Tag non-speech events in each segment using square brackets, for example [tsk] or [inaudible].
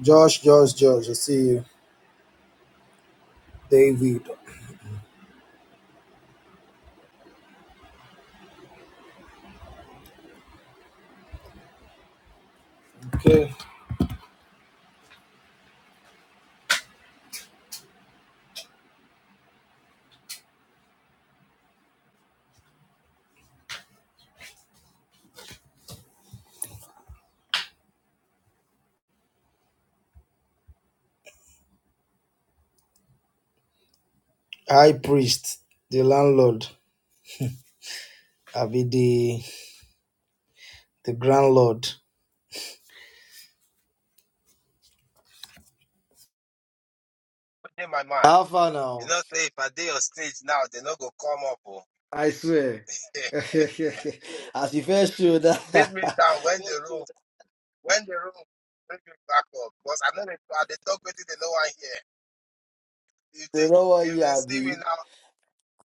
Josh, Josh, Josh, I see you. David. Okay. High priest, the landlord, Abi the the grand lord. in my mind. Alpha You now. know, say if I dey on stage now, they no go come up. Oh. I swear. [laughs] [laughs] As you first showed that Leave [laughs] me down when the room, when the room, bring me back up. Because I know they, I they talk with it, they no one hear. If they they, know what if you they are see me be. now,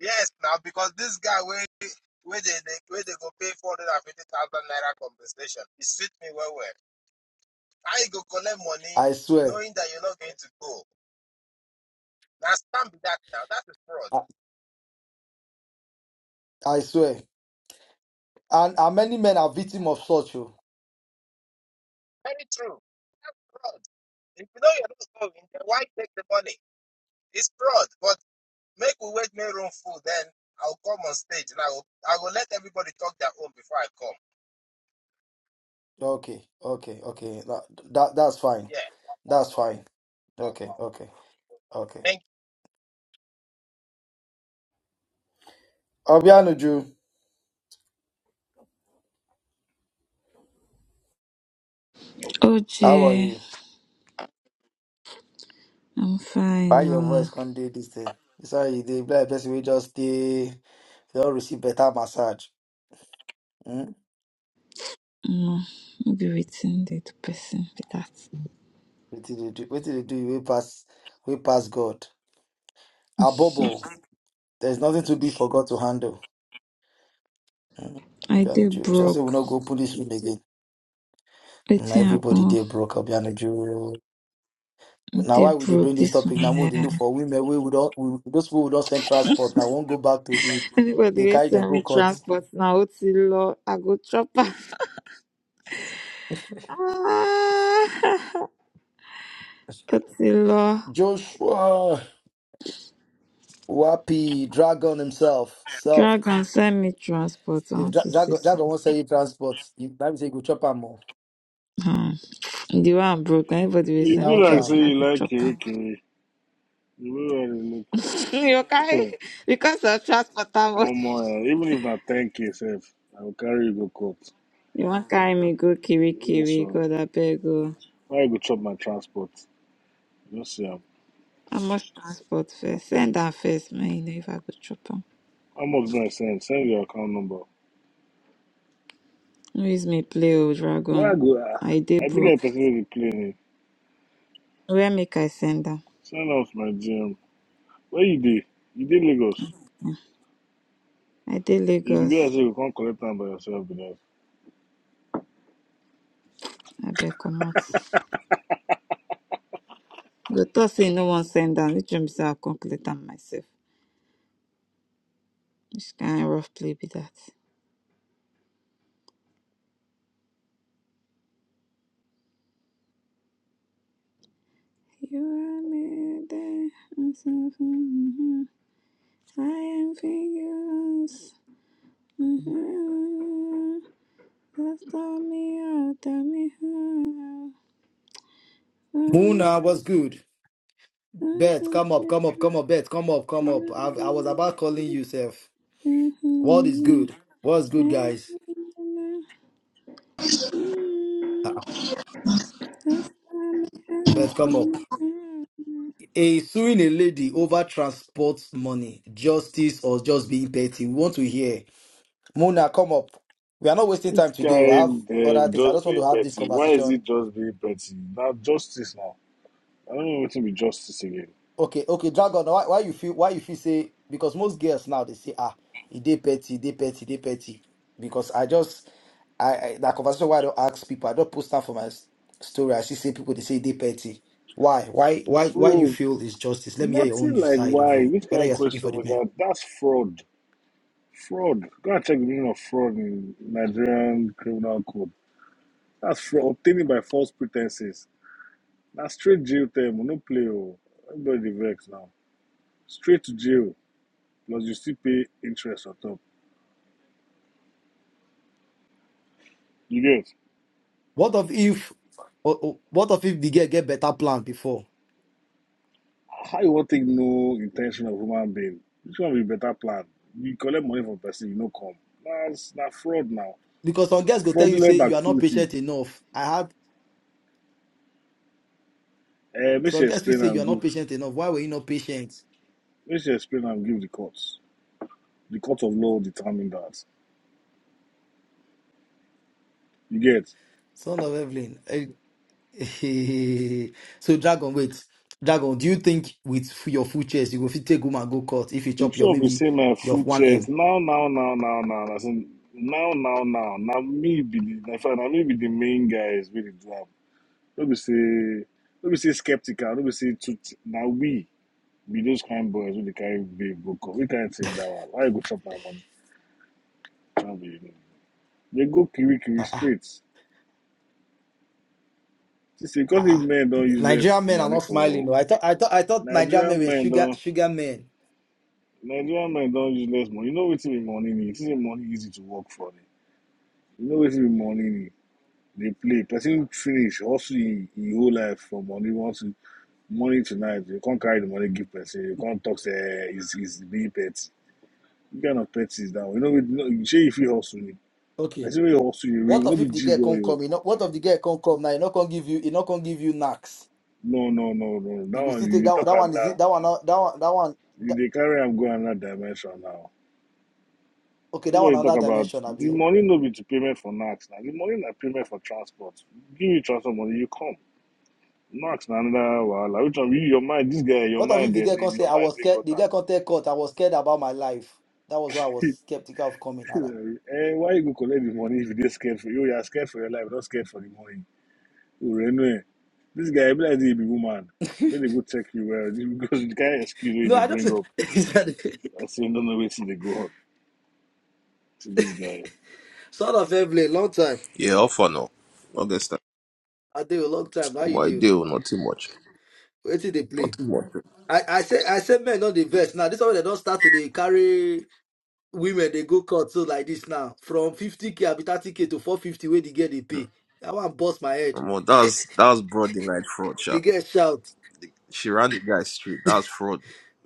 yes, now because this guy where where they, they where they go pay four hundred and fifty thousand naira compensation, it suit me well well. How you go collect money I swear. knowing that you're not going to go? Now stand be that now. That is fraud. I, I swear. And, and many men are victim of such. oh. Very true. Fraud. If you know you're not going, then why take the money? It's fraud. But Make we wait my room full, then I'll come on stage and I will I will let everybody talk their own before I come. Okay, okay, okay. That, that that's fine. Yeah. That's fine. Okay, okay, okay. Thank Obianuju, how are OJ, you? I'm Why fine. your Uh, voice can't do this thing? It's how you do. Black person we just stay. You all receive better massage. Hmm? no, no be waiting the person be that. What did they do? What did they do? We pass. We pass God. Abobo. There's nothing to be for God to handle. Hmm? I Abi I'm did Jew. You just say we broke. not go open this room again. Hmm, Waiting everybody happen. they broke up. Bianju. I Now why did would they bring broke this this one. topic? Now we eh. they look for women. We would not. We, those people would not send transport. Now won't go back to the. Anybody They will carry them send go me court. transport now. Otilo, I go chop am. [laughs] Ah, Otilo, Joshua. Wapi. Dragon himself. drag Soft. and send me transport. I If want Dra- to see Drago some. Drago won't sell you transport, you that means you go chop am more Hmm. The one I'm broke. Anybody will You send be me like say downtown. transport. I you go like chop am. KK. You be like look [laughs] You okay? eh, Because of transport, one more eh, even if na ten K sef, I go carry you go court. You wan carry me go Yes Kirikiri, so God abeg o. why you go chop my transport? You no see am. How much transport first? Send am first make you know if I go chop am. How much be I send? Send your account number. No use me play o Why I dragon. go ah? I dey I be broke. like person wey dey play name. Where make I send am? Send am to my GM. Where you dey? You dey Lagos? Hmm. I dey You go be Lagos. like say you go come collect am by yourself be that. Abeg comot. You Go talk say you no wan send am. Which one be say I come collect am myself? Which kind rough play be that? You are made there, myself. mhm. I am figures. Mm-hmm. Hasta mi alta, mi hija. Cuando Muna, what's good? Bet, hasta come up, come up, come up, Bet, come up, come up. I, I was about calling you, Seth. What is good? What's good, guys? Ah, Bet, come up. A suing a lady over transport money, justice, or just being petty. We want to hear. Muna, come up. We are not wasting Which time today. We have kind other um, things. I just just want being to have this petty? Why is conversation it just being petty? Na justice now. I don't know wetin be justice again. Okay, okay, Dragon. Why, why you feel? Why you feel? Say because most girls now they say, ah, e dey petty, e dey petty, e dey petty. Because I just, I, I that conversation. Why I don't ask people? I don't post that for my s- story. I see say people they say e dey petty. Why? Why? Why? Why you Bro, feel is justice? Let me hear your Nothing own like side of why? you. Which Whether kind of you're speaking question for the was men. that? That's fraud. Fraud. Go and check the meaning of fraud in Nigerian criminal code. That's fraud. Obtaining by false pretenses. That's straight jail term. We No play. Oh. Everybody vex now. Straight to jail. Plus you still pay interest on top. You get? What of if? o- o- What of if the girl get better plan before? How you want to take no intention of human being? Which one will be better plan? You collect money from person, you no come. That's not fraud now. Because some girls go tell you say Fraudulent you are not activities. patient enough. I have Eh, make some sure you girls will explain say you and are not give. patient enough. Why were you not patient? Make sure you explain and give the courts. The court of law determined that. You get Son of Evelyn. eh, [laughs] so dragon wait dragon do you think with f- your full chest you go fit take woman go court if you chop which your of you maybe say my your full chest 1m now, now, now, now, now. As in now, now, now. Now me be the na fact, na me be the main guys with the drop. Let me say, let me say skeptical. Let me say to now we be those kind boys with the carry big book. We can't take that one. Why you go chop my money? Can't be, you know. They go kiri kiri ah ah straight. See, see, ah because if ah. men don't use less nigerian men are money not smiling for though i thought i thought i thought nigerian men Nigerian were men sugar don't. sugar men Nigerian men don use less money. You know wetin be money need. Wetin be money easy to work for. Dem. You know wetin be money need. Dey play. Person finish Also, e e whole life for money. Want to money tonight. You can't carry the money give person. You can't talk say eh, is is being petty. You kind of petty is that one. You know we no, you say if you fit hustle me. okay Person wey hustle you real what no of be if the G girl boy can't o. come you know what if the girl can't come now you not gonna give you you not gonna give you knacks No no no no. you That go one still take you dey that talk that one is it another. that one that one that one You that, dey carry am go another dimension now. okay that one Nobody talk another about dimension the abi money no be to payment for NAX. Now the money na payment for transport. Give you transport money, you come. NAX na another wahala. Which one? You your mind. This guy, your What of if mind. the They, girl they- can say your I mind. was They scared? got The girl can tell court I was scared about my life. That was why I was am. skeptical of coming [laughs] out. eh, why you go collect the money if you dey scared for you? You are scared for your life, not scared for the money. Urenu. eh. This guy, e be like say he be woman. Make they go check you well [laughs] because the guy excuse wey No, they I don't. bring up. [laughs] I say no, no, wait till they go on to this guy. sort of every long time. Yeah, off or no. August start I do a long time. How you My do? deal, not too much. Wait till they Not play. too much. I, I say I say men not the best. Now this one they don't start to they carry women they go court so like this now. From fifty K abi thirty K to four fifty where the girl they pay. I want bust my head. Well, that was that was broad daylight fraud, The sha. girl shout. She ran the guy straight. That's fraud.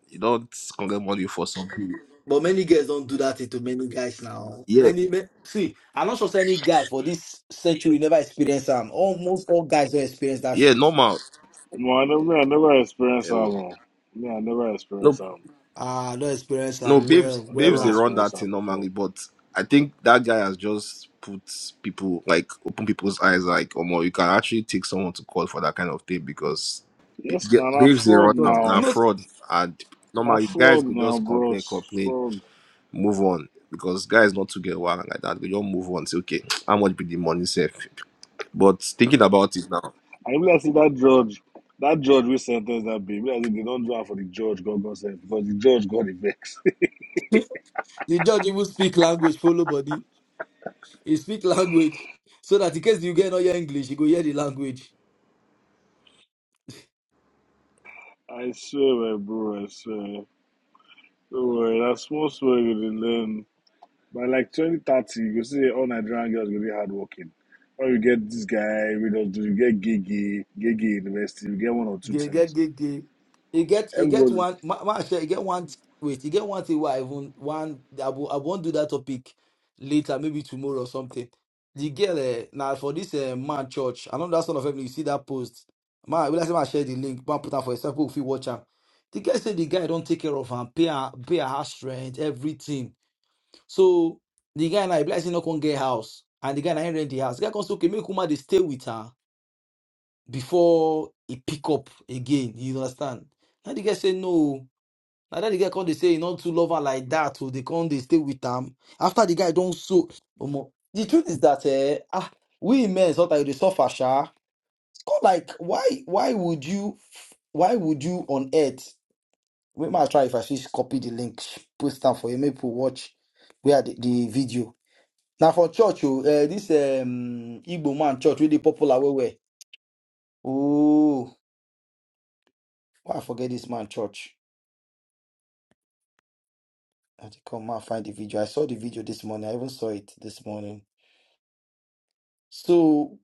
You don't collect money for something. But many girls don't do that to many guys now. Yeah, Many, ma- see, I'm not sure say any guy for this century never experienced them. Almost all guys don't experience that yeah, shit. normal. No, I never, I never Eh, experience am. oh. oh. Me, I never No, experience am. Ah, don't experience that no, babes, well, well babes, they lah. Rest, run rest that thing on the floor. normally, but I think that guy has just put people like open people's eyes, like, oh, you can actually take someone to court for that kind of thing because b- Yes, yeah, now, na babes, they run fraud now, But now now. no, fraud, and na normally guys fraud could now, just complain, bros. complain. Fraud. move on because guys not to get wild like that. We don't move on. Say, okay, [tsk] how much be the money safe? But thinking about it now, I realize see that judge, that judge we sentence that baby. Realize say they don't do it for the judge, God God said, because the judge got the vex. [laughs] the judge even speak language for nobody. He speak language so that in case you get not your English, you go hear the language. [laughs] I swear, my bro, I swear. Don't worry, that small swear you dey learn. By like 2030, you go see all Nigerian girls go be hardworking. Or you get this guy, we don't do, you get Gigi, Gigi University, you get one or two They get things. get get. You get you get Everybody. one ma, ma, shey, you get one wait, you get one thing where I even one I, will, I won't do that topic later, maybe tomorrow or something. The girl eh, now for this uh, man church, I know that son of family, you see that post. Man, will I say man share the link, man put am for yourself, people if you watch am. The guy said the guy don't take care of am, pay her pay her house rent, everything. So the guy now, blessing not gonna get house. And the guy now rent the house. The guy comes okay, make woman they stay with her before he pick up again. You understand? Now the guy say no. Now that the guy come they say he not too love her like that, so they come they stay with am. After the guy don't so Omo, the truth is that eh, ah we men sometimes they suffer sha. It's like why why would you why would you on earth we might try if I just copy the link post am for you make people watch where the, the video. Now for church oh, eh, this um Igbo man church really popular where where. Oh, why I forget this man church. I think I might find the video. I saw the video this morning. I even saw it this morning. So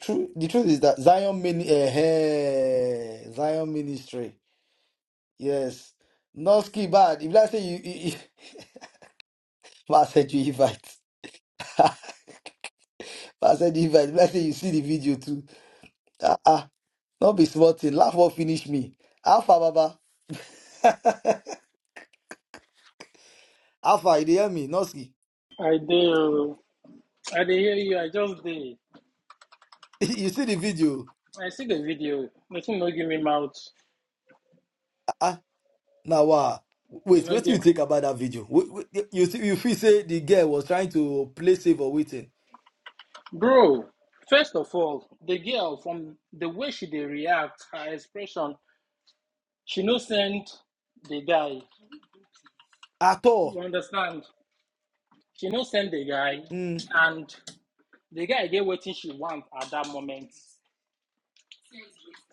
true. The truth is that Zion Min, eh, eh, Zion Ministry. Yes, Noski bad. If let's say you, you, you [laughs] I said you invite, [laughs] I said you invite. If let's say you see the video too. Ah, ah, not be smarting. Laugh or finish me. Alpha Baba. [laughs] Alpha, you dey hear me? Noski. I do. I dey hear you. I just did. [laughs] You see the video. I see the video. Nothing no give me mouth. Ah, ah. Now, uh, You wait, know, what do you give... think about that video? Wh- wh- You see, you feel say the girl was trying to play safe or waiting bro. First of all, the girl from the way she dey react, her expression, she no send the guy. at all. You understand? She no send the guy, Mm. and the guy get wetin she want at that moment.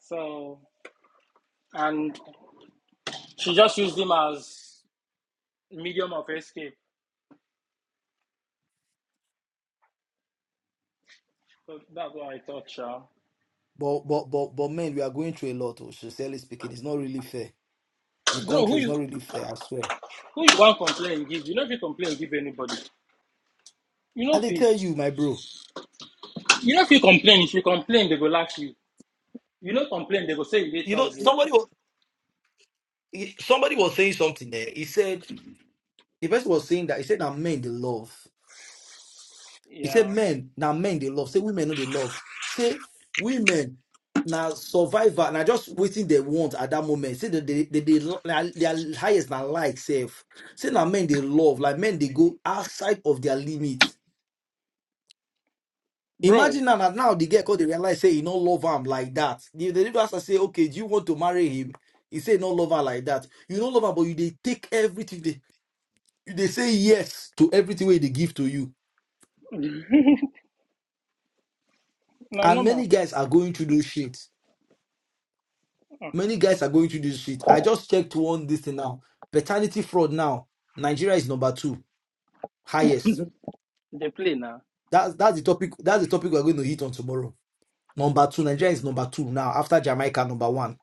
So, and she just used him as medium of escape. So that's what I thought, Sha. But but but but man, we are going through a lot. Oh, sincerely speaking, it's not really fair. The Bro, who country is you not really fair. I swear. Who you want complain give? You know if you complain give anybody. You I know if did you, tell you, my bro. you know if you complain, if you complain they go laugh you. You know complain they go say you dey You know, toxic. somebody was somebody was saying something there. He said the person was saying that he said that men they love. He said, Yeah, men, now men they love. Say women no they love. Say women now survivor. Now just waiting they want at that moment. Say that they they, they, lo- na their highest now like self. Say now men they love. Like men they go outside of their limits. bro. Imagine now, that now the girl cause they realize say he no love him like that. The the people ask say, okay, do you want to marry him? He say no love her like that. You no love her, but you they take everything they they say yes to everything way they give to you. Na And many normal. guys are going through those shit Many guys are going through this shit. I just checked one this thing now. Paternity fraud now. Nigeria is number two, highest. They play na That's that's the topic. That's the topic we're going to hit on tomorrow. Number two, Nigeria is number two now after Jamaica number one.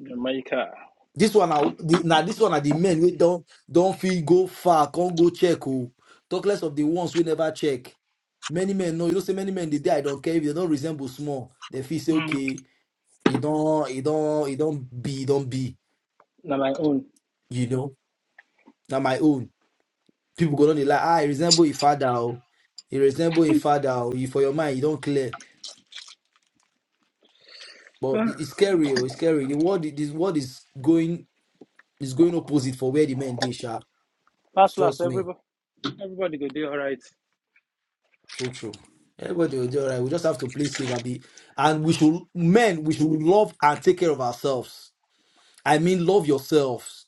Jamaica. This one now, now this one are the men we don't don't feel go far, can't go check. Oh, talk less of the ones we never check. Many men know you don't say many men they die. I don't care if they don't resemble small. They feel say Mm. okay, it don't it don't it don't be it don't be Na my own. you know. Now my own. people go on the like, ah, he resemble his father. Oh. He resemble his father. Oh. You for your mind, you don't clear. But Ah, it- it's scary, oh, it's scary. The world this world is going is going opposite for where the men they sharp. Last last Trust me. everybody everybody go do alright. True, true. Everybody will do all right. We just have to play safe and be and we should men, we should love and take care of ourselves. I mean love yourselves.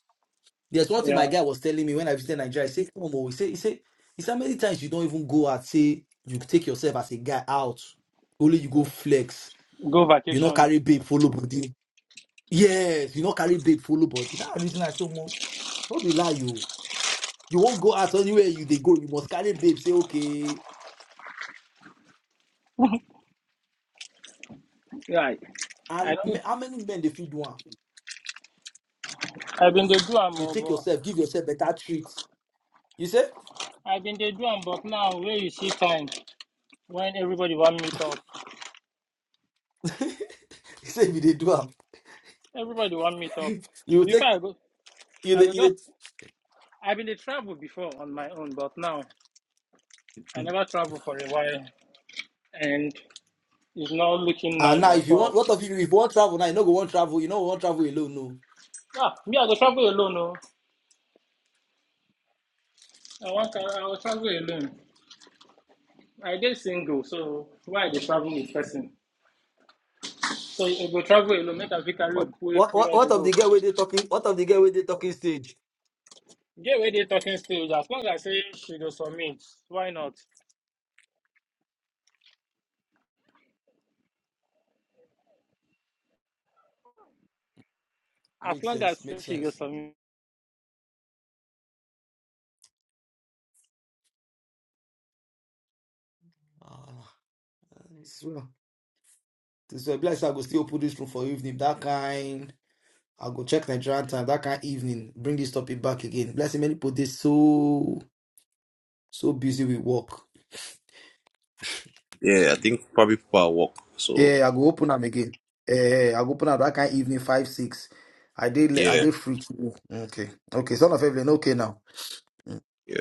There's one thing my Yeah. guy was telling me when I visited Nigeria. He said, Come on, he said, he said, he said, many times you don't even go out, say you take yourself as a guy out. Only you go flex Go You no vacation. carry babe follow body. Yes, you no carry babe follow body. That reason I say, Mo, no be lie you. You won't go out anywhere you they go. You must carry babe. Say okay. Right. I And me- don't how many men they feed one? I've been the do am You oh, take yourself, give yourself better treat. You say, but I've been the do am but now where you see time when everybody want meet up. [laughs] you say if they do am, Everybody want meet up. [laughs] you Before take I go you I the go you just dey- I've been a travel before on my own, but now I never travel for a while and it's not looking And nice now at if you want, all. what of you if you want travel now? You no go want travel. You no want travel alone. No. Ah, me I go travel alone oh. I want to, I will travel alone. I dey single, so why I dey travel with person? So I go travel alone, make a fit carry a What quick what what, where what they of go. the girl where they talking? What of the girl where they talking stage? Get where they talking stage. As long as say she go submit, why not? As Makes long as sense. Makes she go sense. submit. Ah, it's well. This is blessed. I go still put this room for evening. That kind. I'll go check Nigerian time. That kind evening. Bring this topic back again. Blessing many people this so so busy with work. yeah, I See. think probably people are work. So Yeah, I go open them again. Eh, I go open up that kind evening five six. I did I yeah, did free. to- Okay, okay. Son of Evelyn. Okay now. yeah,